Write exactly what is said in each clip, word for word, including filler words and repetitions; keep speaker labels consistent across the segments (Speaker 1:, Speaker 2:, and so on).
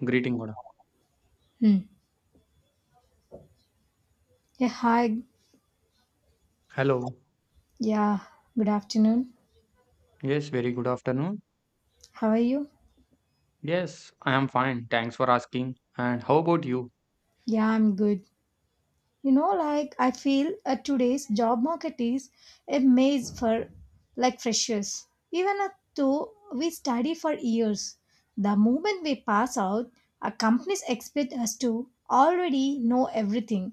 Speaker 1: Greeting, Oda.
Speaker 2: Hmm. Yeah, hi.
Speaker 1: Hello.
Speaker 2: Yeah, good afternoon.
Speaker 1: Yes, very good afternoon.
Speaker 2: How are you?
Speaker 1: Yes, I am fine. Thanks for asking. And how about you?
Speaker 2: Yeah, I'm good. you know like I feel uh, today's job market is a maze for like freshers even, uh, though we study for years, the moment we pass out, our companies expect us to already know everything.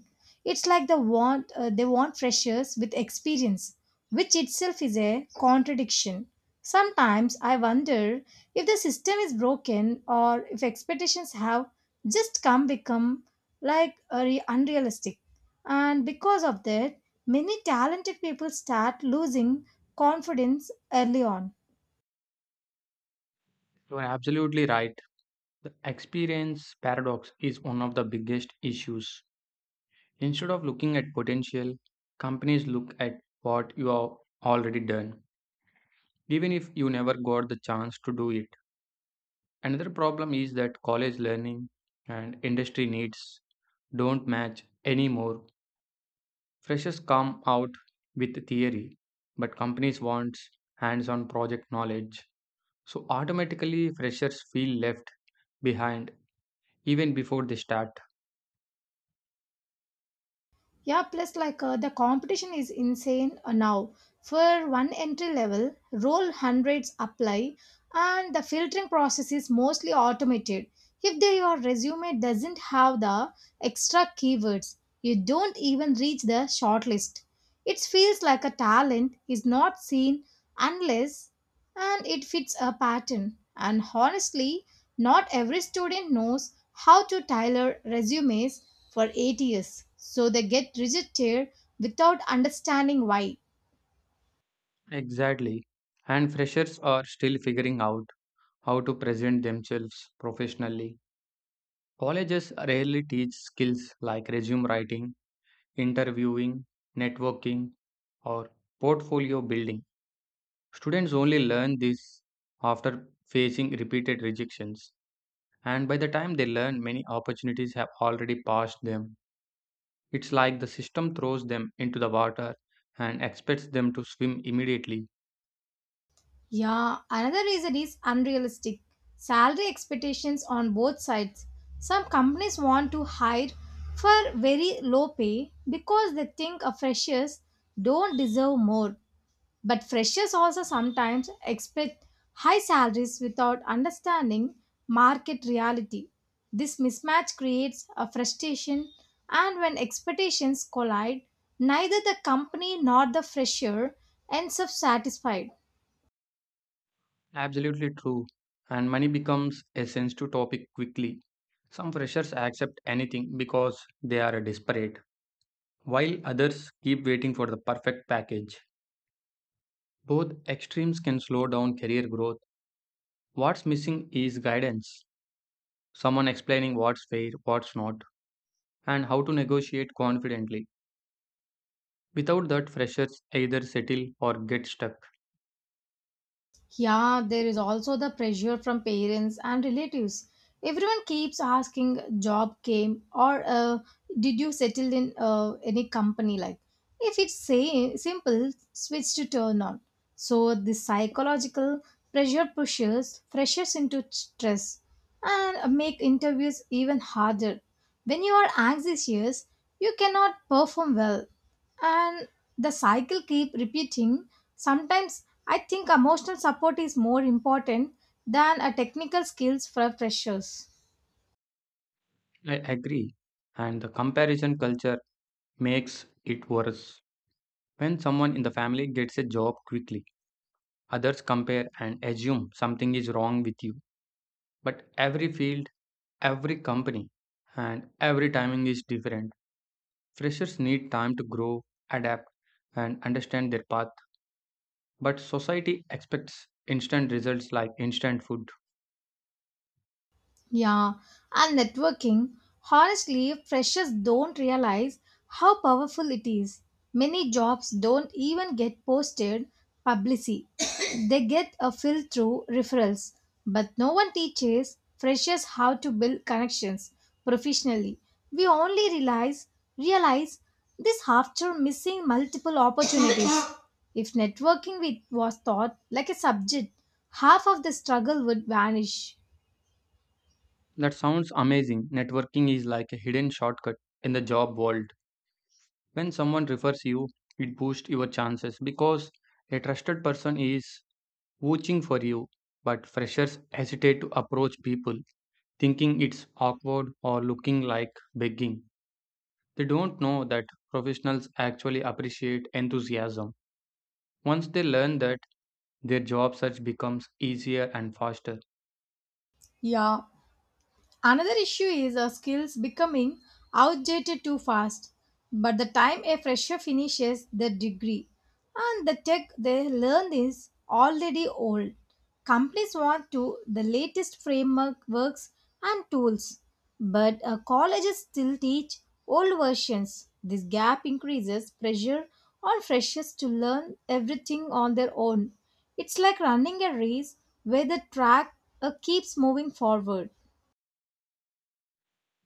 Speaker 2: It's like the want— uh, they want freshers with experience, which itself is a contradiction. Sometimes I wonder if the system is broken or if expectations have just come become like uh, re- unrealistic, and because of that, many talented people start losing confidence early on.
Speaker 1: You are absolutely right. The experience paradox is one of the biggest issues. Instead of looking at potential, companies look at what you have already done, even if you never got the chance to do it. Another problem is that college learning and industry needs don't match anymore. Freshers come out with theory, but companies want hands-on project knowledge. So automatically freshers feel left behind even before they start.
Speaker 2: Yeah, plus, like, uh, the competition is insane uh, now. For one entry level role, hundreds apply, and the filtering process is mostly automated. If they, your resume doesn't have the extra keywords, you don't even reach the shortlist. It feels like a talent is not seen unless and it fits a pattern. And honestly, not every student knows how to tailor resumes for eight years, so they get rejected without understanding why.
Speaker 1: Exactly. And freshers are still figuring out how to present themselves professionally. Colleges rarely teach skills like resume writing, interviewing, networking, or portfolio building. Students only learn this after facing repeated rejections. And by the time they learn, many opportunities have already passed them. It's like the system throws them into the water and expects them to swim immediately.
Speaker 2: Yeah, another reason is unrealistic salary expectations on both sides. Some companies want to hire for very low pay because they think uh, freshers don't deserve more. But freshers also sometimes expect high salaries without understanding market reality. This mismatch creates a frustration, and when expectations collide, neither the company nor the fresher ends up satisfied.
Speaker 1: Absolutely true. And money becomes a sensitive topic quickly. Some freshers accept anything because they are desperate, while others keep waiting for the perfect package. Both extremes can slow down career growth. What's missing is guidance someone explaining what's fair, what's not, and how to negotiate confidently. Without that, freshers either settle or get stuck.
Speaker 2: Yeah, there is also the pressure from parents and relatives. Everyone keeps asking, job came, or uh, did you settle in uh, any company? Like, if it's say, simple, switch to turn on. So, the psychological pressure pushes freshers into stress and make interviews even harder. When you are anxious, you cannot perform well and the cycle keep repeating. Sometimes I think emotional support is more important than a technical skills for freshers.
Speaker 1: I agree. And the comparison culture makes it worse. When someone in the family gets a job quickly, others compare and assume something is wrong with you. But every field, every company, and every timing is different. Freshers need time to grow, adapt, and understand their path. But society expects instant results like instant food.
Speaker 2: Yeah, and networking. Honestly, freshers don't realize how powerful it is. Many jobs don't even get posted publicly. They get a fill through referrals, but no one teaches freshers how to build connections professionally. We only realize realize this after missing multiple opportunities. If networking with- was taught like a subject, half of the struggle would vanish.
Speaker 1: That sounds amazing. Networking is like a hidden shortcut in the job world. When someone refers you, it boosts your chances because a trusted person is vouching for you. But freshers hesitate to approach people, thinking it's awkward or looking like begging. They don't know that professionals actually appreciate enthusiasm. Once they learn that, their job search becomes easier and faster.
Speaker 2: Yeah, another issue is our skills becoming outdated too fast. But the time a fresher finishes their degree and the tech they learn is already old. Companies want to the latest framework works and tools, but uh, colleges still teach old versions. This gap increases pressure on freshers to learn everything on their own. It's like running a race where the track uh, keeps moving forward.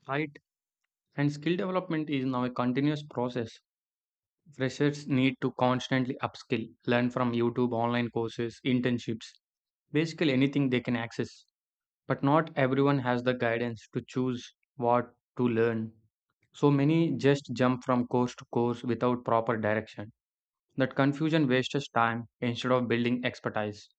Speaker 1: Right? And skill development is now a continuous process. Freshers need to constantly upskill, learn from YouTube online courses, internships, basically anything they can access. But not everyone has the guidance to choose what to learn. So many just jump from course to course without proper direction. That confusion wastes time instead of building expertise.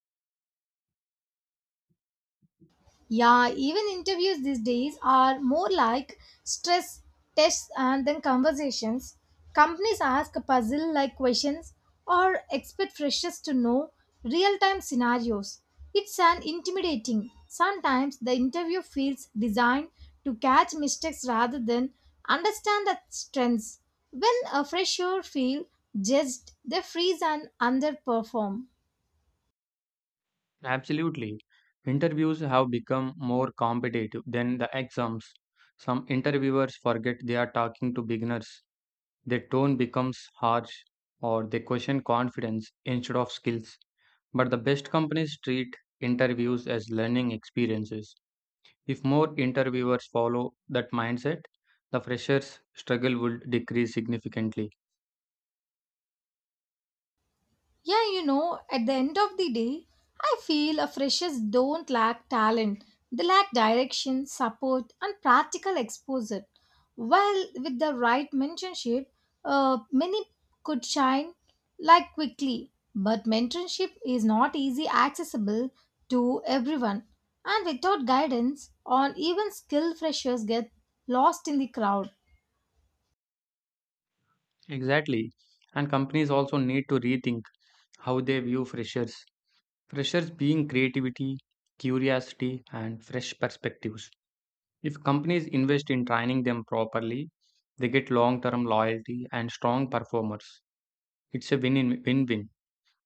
Speaker 2: Yeah, even interviews these days are more like stress tests and then conversations. Companies ask puzzle like questions or expect freshers to know real time scenarios. It's an intimidating. Sometimes the interview feels designed to catch mistakes rather than understand the strengths. When a fresher feels judged, they freeze and underperform.
Speaker 1: Absolutely. Interviews have become more competitive than the exams. Some interviewers forget they are talking to beginners. Their tone becomes harsh or they question confidence instead of skills. But the best companies treat interviews as learning experiences. If more interviewers follow that mindset, the freshers' struggle would decrease significantly.
Speaker 2: Yeah, you know, at the end of the day, I feel a freshers don't lack talent. They lack direction, support, and practical exposure. While with the right mentorship, uh, many could shine like quickly. But mentorship is not easy accessible to everyone. And without guidance, on even skilled freshers get lost in the crowd.
Speaker 1: Exactly. And companies also need to rethink how they view freshers. Freshers being creativity, curiosity, and fresh perspectives. If companies invest in training them properly, they get long term loyalty and strong performers. It's a win win win.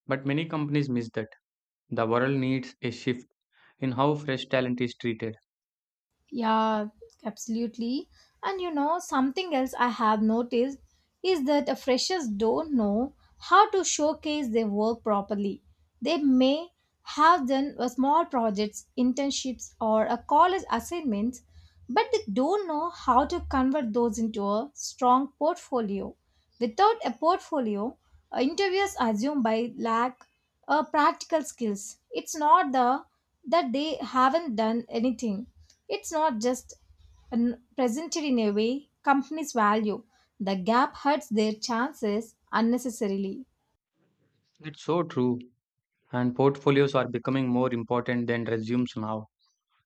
Speaker 1: But many companies miss that. The world needs a shift in how fresh talent is treated.
Speaker 2: Yeah, absolutely. And you know, something else I have noticed is that uh, freshers don't know how to showcase their work properly. They may have done uh, small projects, internships, or a college assignments, but they don't know how to convert those into a strong portfolio. Without a portfolio, uh, interviewers assume by lack of practical skills. It's not the that they haven't done anything, it's not just an- presented in a way companies value. The gap hurts their chances unnecessarily.
Speaker 1: It's so true, and portfolios are becoming more important than resumes now.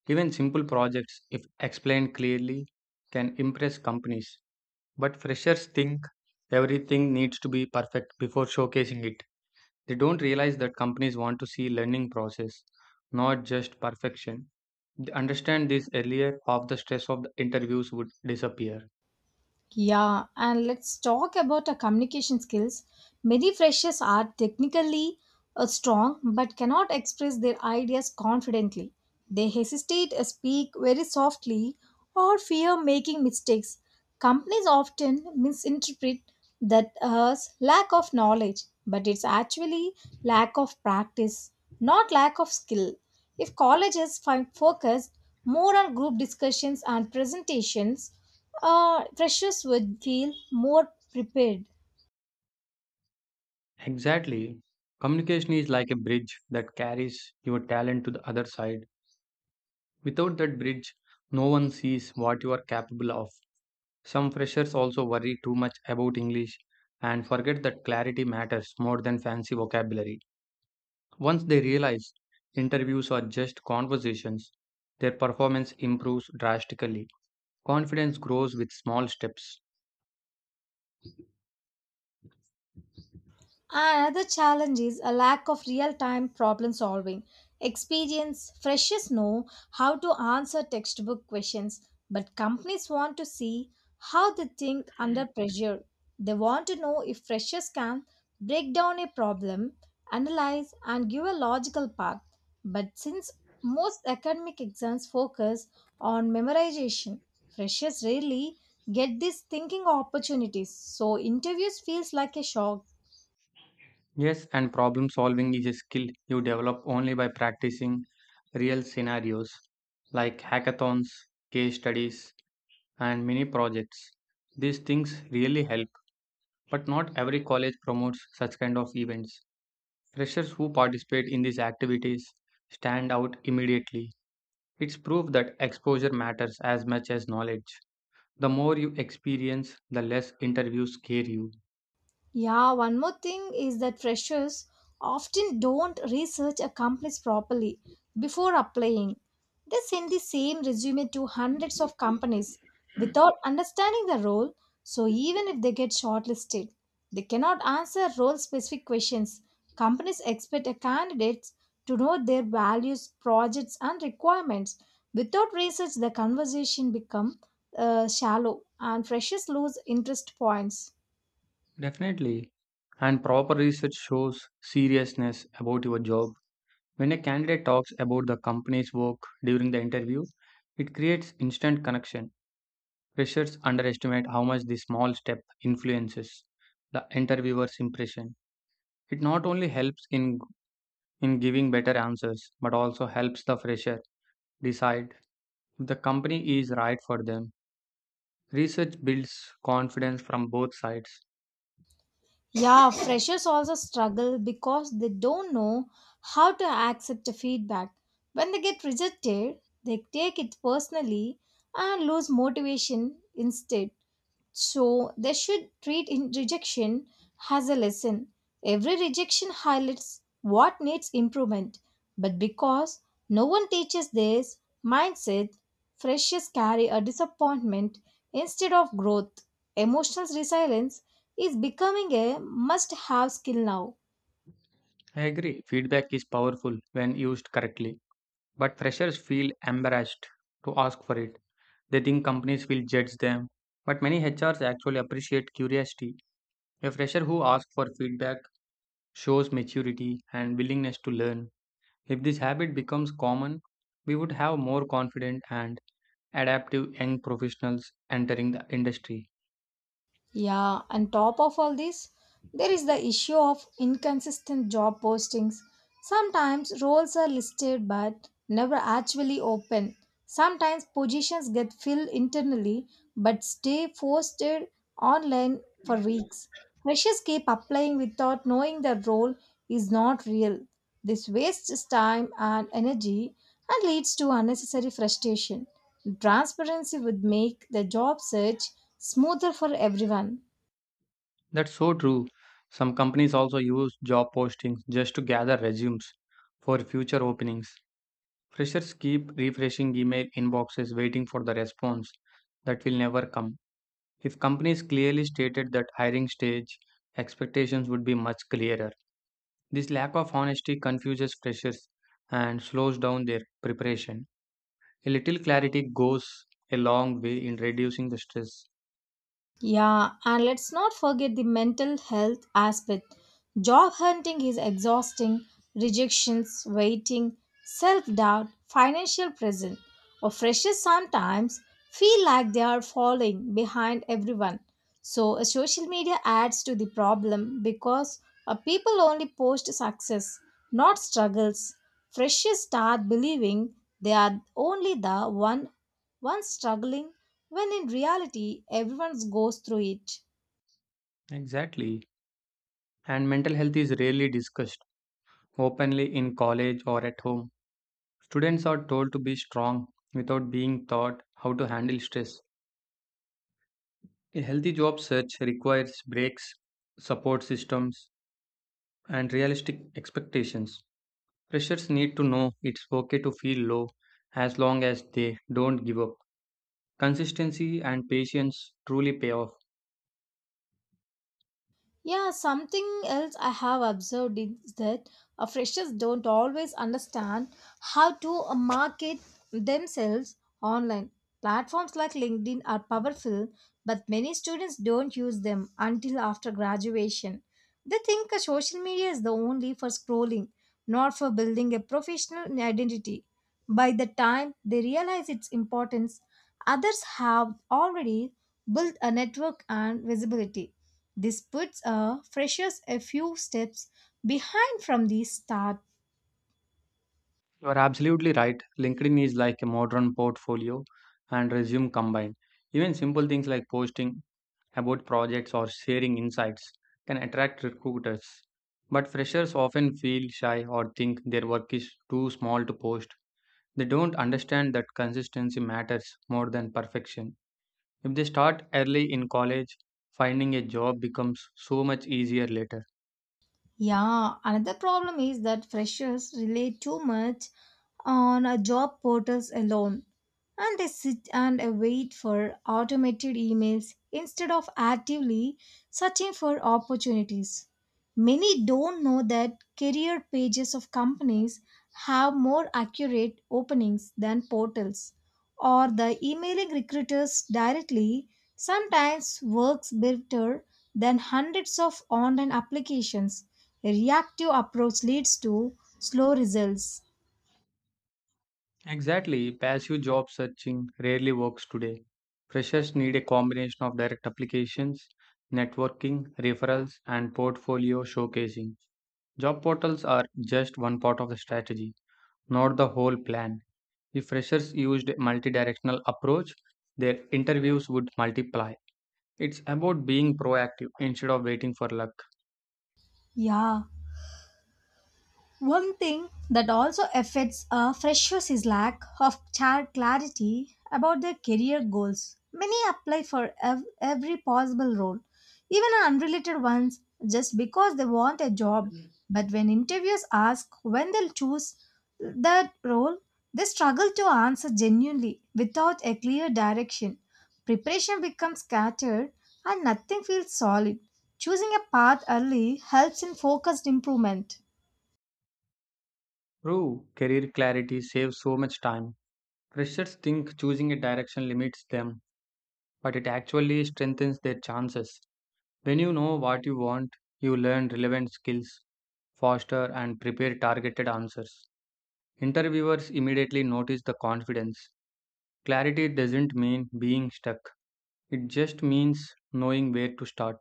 Speaker 1: Even simple projects, if explained clearly, can impress companies. But freshers think everything needs to be perfect before showcasing it. They don't realize that companies want to see learning process, not just perfection. They understand this earlier, half the stress of the interviews would disappear.
Speaker 2: Yeah, and let's talk about our communication skills. Many freshers are technically uh, strong but cannot express their ideas confidently. They hesitate, uh, speak very softly, or fear making mistakes. Companies often misinterpret that as lack of knowledge, but it's actually lack of practice, not lack of skill. If colleges fi- focused more on group discussions and presentations, uh, freshers would feel more prepared.
Speaker 1: Exactly. Communication is like a bridge that carries your talent to the other side. Without that bridge, no one sees what you are capable of. Some freshers also worry too much about English and forget that clarity matters more than fancy vocabulary. Once they realize interviews are just conversations, their performance improves drastically. Confidence grows with small steps.
Speaker 2: Another challenge is a lack of real time problem solving. Experience freshers know how to answer textbook questions, but companies want to see how they think under pressure. They want to know if freshers can break down a problem, analyze, and give a logical path. But since most academic exams focus on memorization, freshers rarely get these thinking opportunities, so interviews feels like a shock.
Speaker 1: Yes, and problem solving is a skill you develop only by practicing real scenarios like hackathons, case studies, and mini projects. These things really help. But not every college promotes such kind of events. Freshers who participate in these activities stand out immediately. It's proof that exposure matters as much as knowledge. The more you experience, the less interviews scare you.
Speaker 2: Yeah, one more thing is that freshers often don't research a companies properly before applying. They send the same resume to hundreds of companies without understanding the role, so even if they get shortlisted, they cannot answer role specific questions. Companies expect a candidates to know their values, projects and requirements. Without research, the conversation become uh, shallow and freshers lose interest points.
Speaker 1: Definitely. And proper research shows seriousness about your job. When a candidate talks about the company's work during the interview, it creates instant connection. Freshers underestimate how much this small step influences the interviewer's impression. It not only helps in in giving better answers, but also helps the fresher decide if the company is right for them. Research builds confidence from both sides.
Speaker 2: Yeah, freshers also struggle because they don't know how to accept the feedback. When they get rejected, they take it personally and lose motivation instead. So they should treat in rejection as a lesson. Every rejection highlights what needs improvement. But because no one teaches this mindset, freshers carry a disappointment instead of growth. Emotional resilience is becoming a must have skill now.
Speaker 1: I agree, feedback is powerful when used correctly, but freshers feel embarrassed to ask for it. They think companies will judge them, but many H Rs actually appreciate curiosity. A fresher who asks for feedback shows maturity and willingness to learn. If this habit becomes common, we would have more confident and adaptive young professionals entering the industry.
Speaker 2: Yeah, and top of all this, there is the issue of inconsistent job postings. Sometimes roles are listed but never actually open. Sometimes positions get filled internally but stay posted online for weeks. Freshers keep applying without knowing the role is not real. This wastes time and energy and leads to unnecessary frustration. Transparency would make the job search smoother for everyone.
Speaker 1: That's so true. Some companies also use job postings just to gather resumes for future openings. Freshers keep refreshing email inboxes waiting for the response that will never come. If companies clearly stated that hiring stage, expectations would be much clearer. This lack of honesty confuses freshers and slows down their preparation. A little clarity goes a long way in reducing the stress.
Speaker 2: Yeah, and let's not forget the mental health aspect. Job hunting is exhausting, rejections, waiting, self doubt, financial pressure. Or freshers sometimes feel like they are falling behind everyone. So, uh, social media adds to the problem because uh, people only post success, not struggles. Freshers start believing they are only the one one struggling when in reality everyone goes through it.
Speaker 1: Exactly. And mental health is rarely discussed openly in college or at home. Students are told to be strong without being taught how to handle stress. A healthy job search requires breaks, support systems, and realistic expectations. Freshers need to know it's okay to feel low as long as they don't give up. Consistency and patience truly pay off.
Speaker 2: Yeah, something else I have observed is that uh, freshers don't always understand how to uh, market themselves online. Platforms like LinkedIn are powerful, but many students don't use them until after graduation. They think uh, social media is the only for scrolling, not for building a professional identity. By the time they realize its importance, others have already built a network and visibility. This puts uh, freshers a few steps behind from the start.
Speaker 1: You are absolutely right. LinkedIn is like a modern portfolio and resume combined. Even simple things like posting about projects or sharing insights can attract recruiters. But freshers often feel shy or think their work is too small to post. They don't understand that consistency matters more than perfection. If they start early in college, finding a job becomes so much easier later.
Speaker 2: Yeah, another problem is that freshers rely too much on a job portals alone and they sit and uh, wait for automated emails instead of actively searching for opportunities. Many don't know that career pages of companies have more accurate openings than portals, or the emailing recruiters directly sometimes works better than hundreds of online applications. A reactive approach leads to slow results.
Speaker 1: Exactly, passive job searching rarely works today. Freshers need a combination of direct applications, networking, referrals, and portfolio showcasing. Job portals are just one part of the strategy, not the whole plan. If freshers used a multi-directional approach, their interviews would multiply. It's about being proactive instead of waiting for luck.
Speaker 2: Yeah. One thing that also affects uh, freshers is lack of char- clarity about their career goals. Many apply for ev- every possible role, even unrelated ones, just because they want a job. But when interviewers ask when they'll choose that role, they struggle to answer genuinely without a clear direction. Preparation becomes scattered and nothing feels solid. Choosing a path early helps in focused improvement.
Speaker 1: True, career clarity saves so much time. Freshers think choosing a direction limits them, but it actually strengthens their chances. When you know what you want, you learn relevant skills faster and prepare targeted answers. Interviewers immediately notice the confidence. Clarity doesn't mean being stuck, it just means knowing where to start.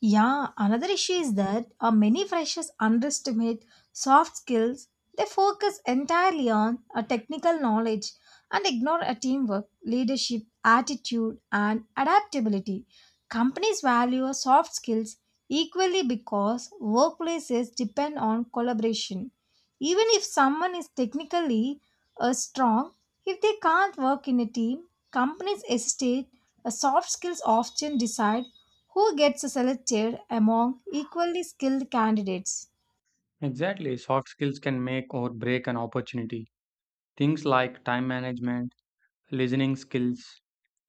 Speaker 2: Yeah, another issue is that uh, many freshers underestimate soft skills. They focus entirely on uh, technical knowledge and ignore a teamwork, leadership, attitude, and adaptability. Companies value soft skills equally because workplaces depend on collaboration. Even if someone is technically uh, strong, if they can't work in a team, companies hesitate. Uh, soft skills often decide who gets selected among equally skilled candidates.
Speaker 1: Exactly, soft skills can make or break an opportunity. Things like time management, listening skills,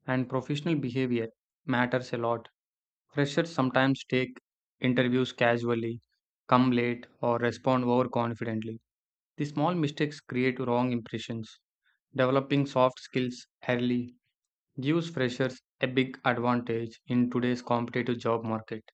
Speaker 1: and professional behavior matters a lot. Freshers sometimes take interviews casually, come late, or respond overconfidently. These small mistakes create wrong impressions. Developing soft skills early gives freshers a big advantage in today's competitive job market.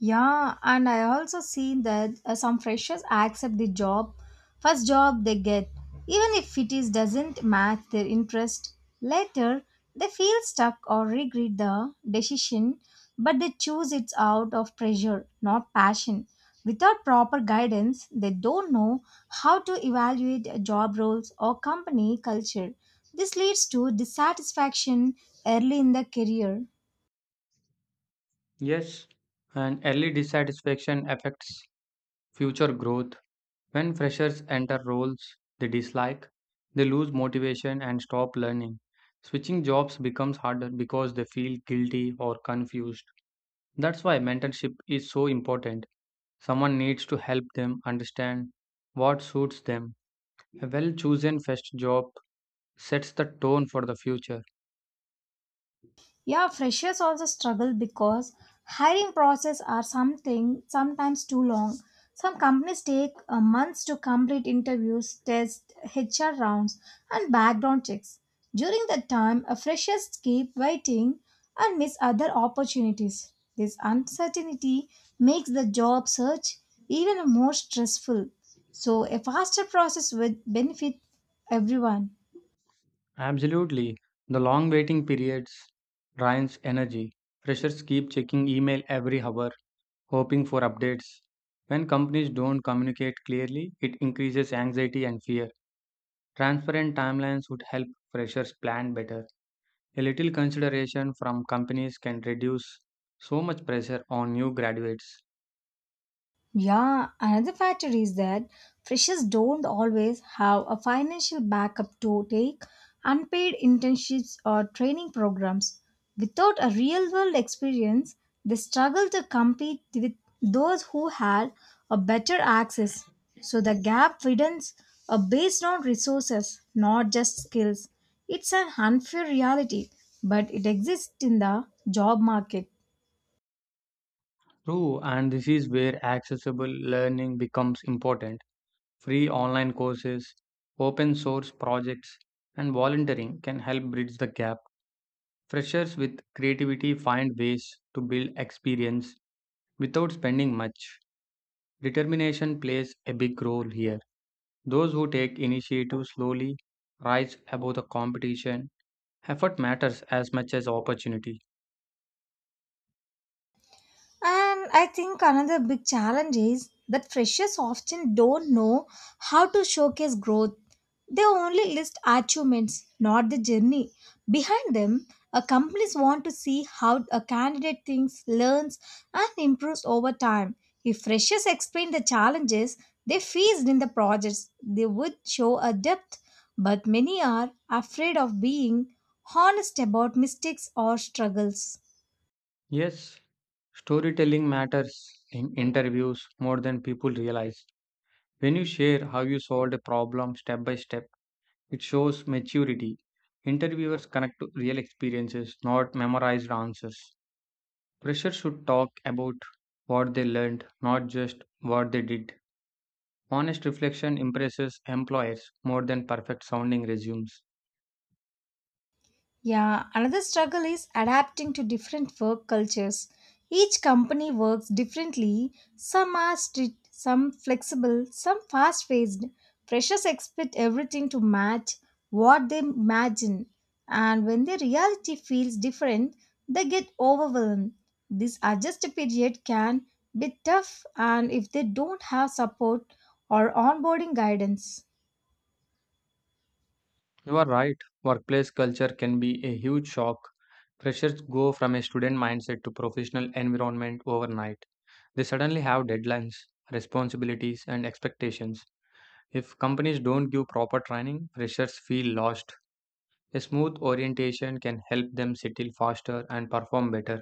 Speaker 2: Yeah, and I also see that uh, some freshers accept the job, first job they get, even if it is doesn't match their interest. Later, they feel stuck or regret the decision, but they choose it out of pressure, not passion. Without proper guidance, they don't know how to evaluate uh, job roles or company culture. This leads to dissatisfaction early in the career.
Speaker 1: Yes, and early dissatisfaction affects future growth. When freshers enter roles they dislike, they lose motivation and stop learning. Switching jobs becomes harder because they feel guilty or confused. That's why mentorship is so important. Someone needs to help them understand what suits them. A well chosen first job sets the tone for the future.
Speaker 2: Yeah, freshers also struggle because hiring process are something sometimes too long. Some companies take uh, months to complete interviews, tests, H R rounds, and background checks. During that time, uh, freshers keep waiting and miss other opportunities. This uncertainty makes the job search even more stressful. So, a faster process would benefit everyone.
Speaker 1: Absolutely. The long waiting periods drains energy. Freshers keep checking email every hour, hoping for updates. When companies don't communicate clearly, it increases anxiety and fear. Transparent timelines would help freshers plan better. A little consideration from companies can reduce so much pressure on new graduates.
Speaker 2: Yeah, another factor is that freshers don't always have a financial backup to take unpaid internships or training programs. Without a real world experience, they struggle to compete with those who had a better access. So the gap widens uh, based on resources, not just skills. It's an unfair reality, but it exists in the job market.
Speaker 1: True, and this is where accessible learning becomes important. Free online courses, open source projects, and volunteering can help bridge the gap. Freshers with creativity find ways to build experience without spending much. Determination plays a big role here. Those who take initiative slowly rise above the competition. Effort matters as much as opportunity.
Speaker 2: And I think another big challenge is that freshers often don't know how to showcase growth. They only list achievements, not the journey. Behind them, uh, companies want to see how a candidate thinks, learns, and improves over time. If freshers explain the challenges they faced in the projects, they would show a depth. But many are afraid of being honest about mistakes or struggles.
Speaker 1: Yes, storytelling matters in interviews more than people realize. When you share how you solved a problem step by step, it shows maturity. Interviewers connect to real experiences, not memorized answers. Freshers should talk about what they learned, not just what they did. Honest reflection impresses employers more than perfect sounding resumes.
Speaker 2: Yeah, another struggle is adapting to different work cultures. Each company works differently. Some are strict, some flexible, some fast paced. Freshers expect everything to match what they imagine, and when the reality feels different, they get overwhelmed. This adjust period can be tough, and if they don't have support or onboarding guidance.
Speaker 1: You are right, workplace culture can be a huge shock. Freshers go from a student mindset to professional environment overnight. They suddenly have deadlines, responsibilities, and expectations. If companies don't give proper training, freshers feel lost. A smooth orientation can help them settle faster and perform better.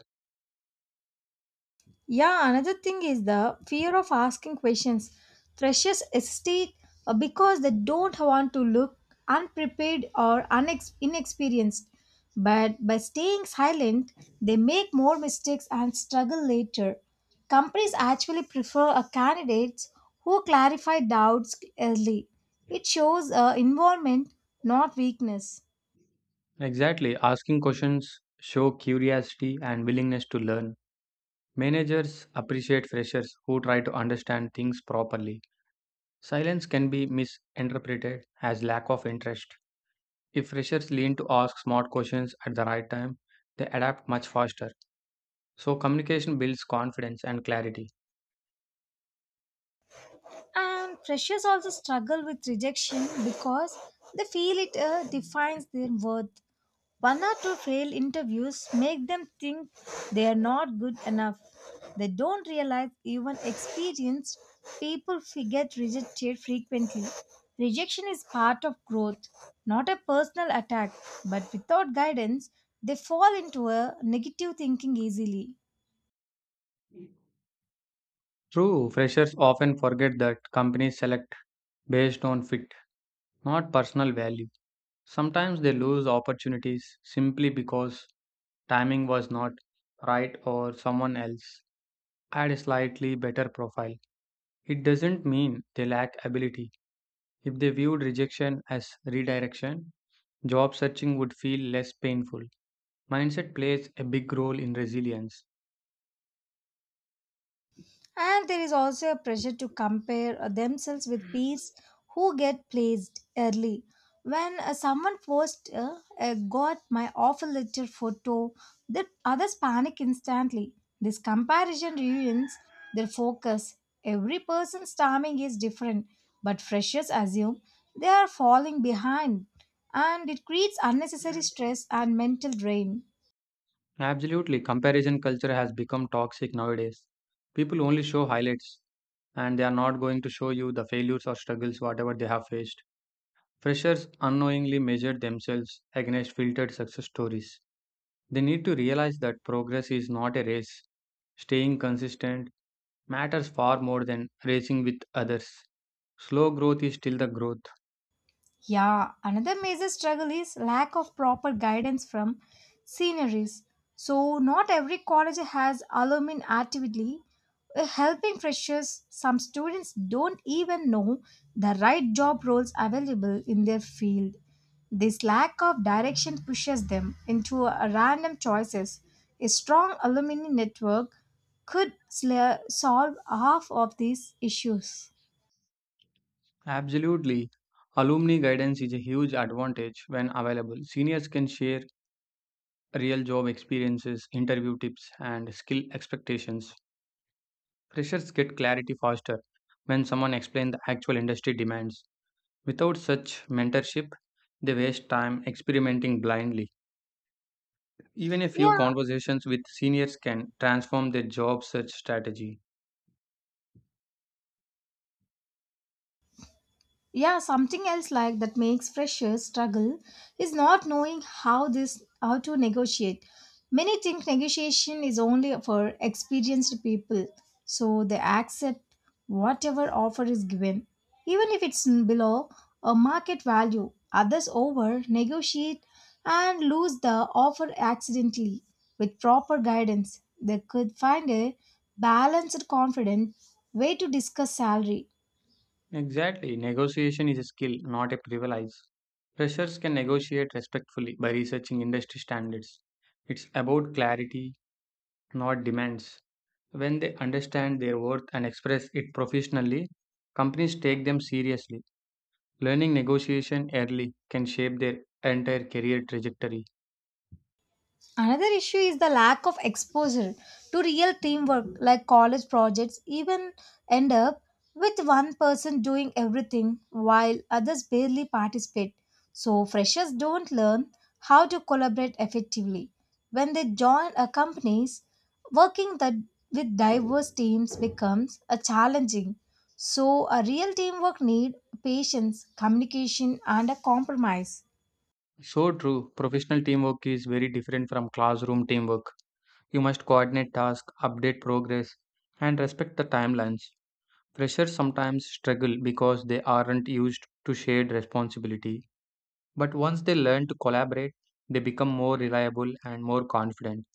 Speaker 2: Yeah, another thing is the fear of asking questions. Freshers hesitate uh, because they don't want to look unprepared or unex- inexperienced. But by staying silent, they make more mistakes and struggle later. Companies actually prefer a candidates who clarify doubts early. It shows uh, involvement, not weakness.
Speaker 1: Exactly, asking questions show curiosity and willingness to learn. Managers appreciate freshers who try to understand things properly. Silence can be misinterpreted as lack of interest. If freshers lean to ask smart questions at the right time, they adapt much faster. So, communication builds confidence and clarity.
Speaker 2: And freshers also struggle with rejection because they feel it uh, defines their worth. One or two failed interviews make them think they are not good enough. They don't realize even experienced people f- get rejected frequently. Rejection is part of growth, not a personal attack, but without guidance, they fall into a negative thinking easily.
Speaker 1: True, freshers often forget that companies select based on fit, not personal value. Sometimes they lose opportunities simply because timing was not right or someone else had a slightly better profile. It doesn't mean they lack ability. If they viewed rejection as redirection, job searching would feel less painful. Mindset plays a big role in resilience.
Speaker 2: And there is also a pressure to compare uh, themselves with peers who get placed early. When uh, someone posts, uh, uh, got my offer letter photo, the others panic instantly. This comparison ruins their focus. Every person's timing is different, but freshers assume they are falling behind, and it creates unnecessary stress and mental drain.
Speaker 1: Absolutely, comparison culture has become toxic nowadays. People only show highlights and they are not going to show you the failures or struggles, whatever they have faced. Freshers unknowingly measure themselves against filtered success stories. They need to realize that progress is not a race. Staying consistent matters far more than racing with others. Slow growth is still the growth.
Speaker 2: Yeah, another major struggle is lack of proper guidance from seniors. So not every college has alumni actively uh, helping freshers. Some students don't even know the right job roles available in their field. This lack of direction pushes them into a random choices. A strong alumni network could sla- solve half of these issues.
Speaker 1: Absolutely. Alumni guidance is a huge advantage when available. Seniors can share real job experiences, interview tips, and skill expectations. Freshers get clarity faster when someone explains the actual industry demands. Without such mentorship, they waste time experimenting blindly. Even a few
Speaker 2: Yeah,
Speaker 1: conversations with seniors can transform their job search strategy.
Speaker 2: yeah, something else like that makes freshers struggle is not knowing how this how to negotiate. Many think negotiation is only for experienced people, so they accept whatever offer is given, even if it's below a market value. Others over negotiate and lose the offer accidentally. With proper guidance they could find a balanced confident way to discuss salary.
Speaker 1: Exactly. Negotiation is a skill, not a privilege. Freshers can negotiate respectfully by researching industry standards. It's about clarity, not demands. When they understand their worth and express it professionally, companies take them seriously. Learning negotiation early can shape their entire career trajectory.
Speaker 2: Another issue is the lack of exposure to real teamwork, like college projects even end up with one person doing everything while others barely participate. So, freshers don't learn how to collaborate effectively. When they join a companies, working the, with diverse teams becomes a challenging. So, a real teamwork need patience, communication, and a compromise.
Speaker 1: So true, professional teamwork is very different from classroom teamwork. You must coordinate tasks, update progress, and respect the timelines. Freshers sometimes struggle because they aren't used to shared responsibility, but once they learn to collaborate, they become more reliable and more confident.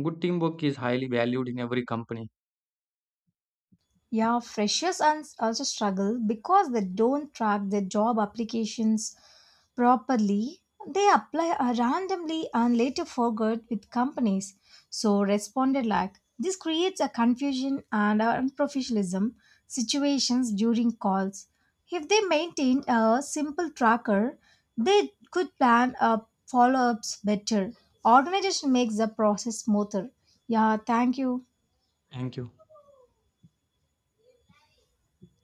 Speaker 1: Good teamwork is highly valued in every company.
Speaker 2: Yeah, freshers and also struggle because they don't track their job applications properly. They apply uh, randomly and later forget with companies. So responded like this creates a confusion and unprofessionalism situations during calls. If they maintain a simple tracker, they could plan uh, follow-ups better. Organization makes the process smoother. Yeah, thank you.
Speaker 1: Thank you.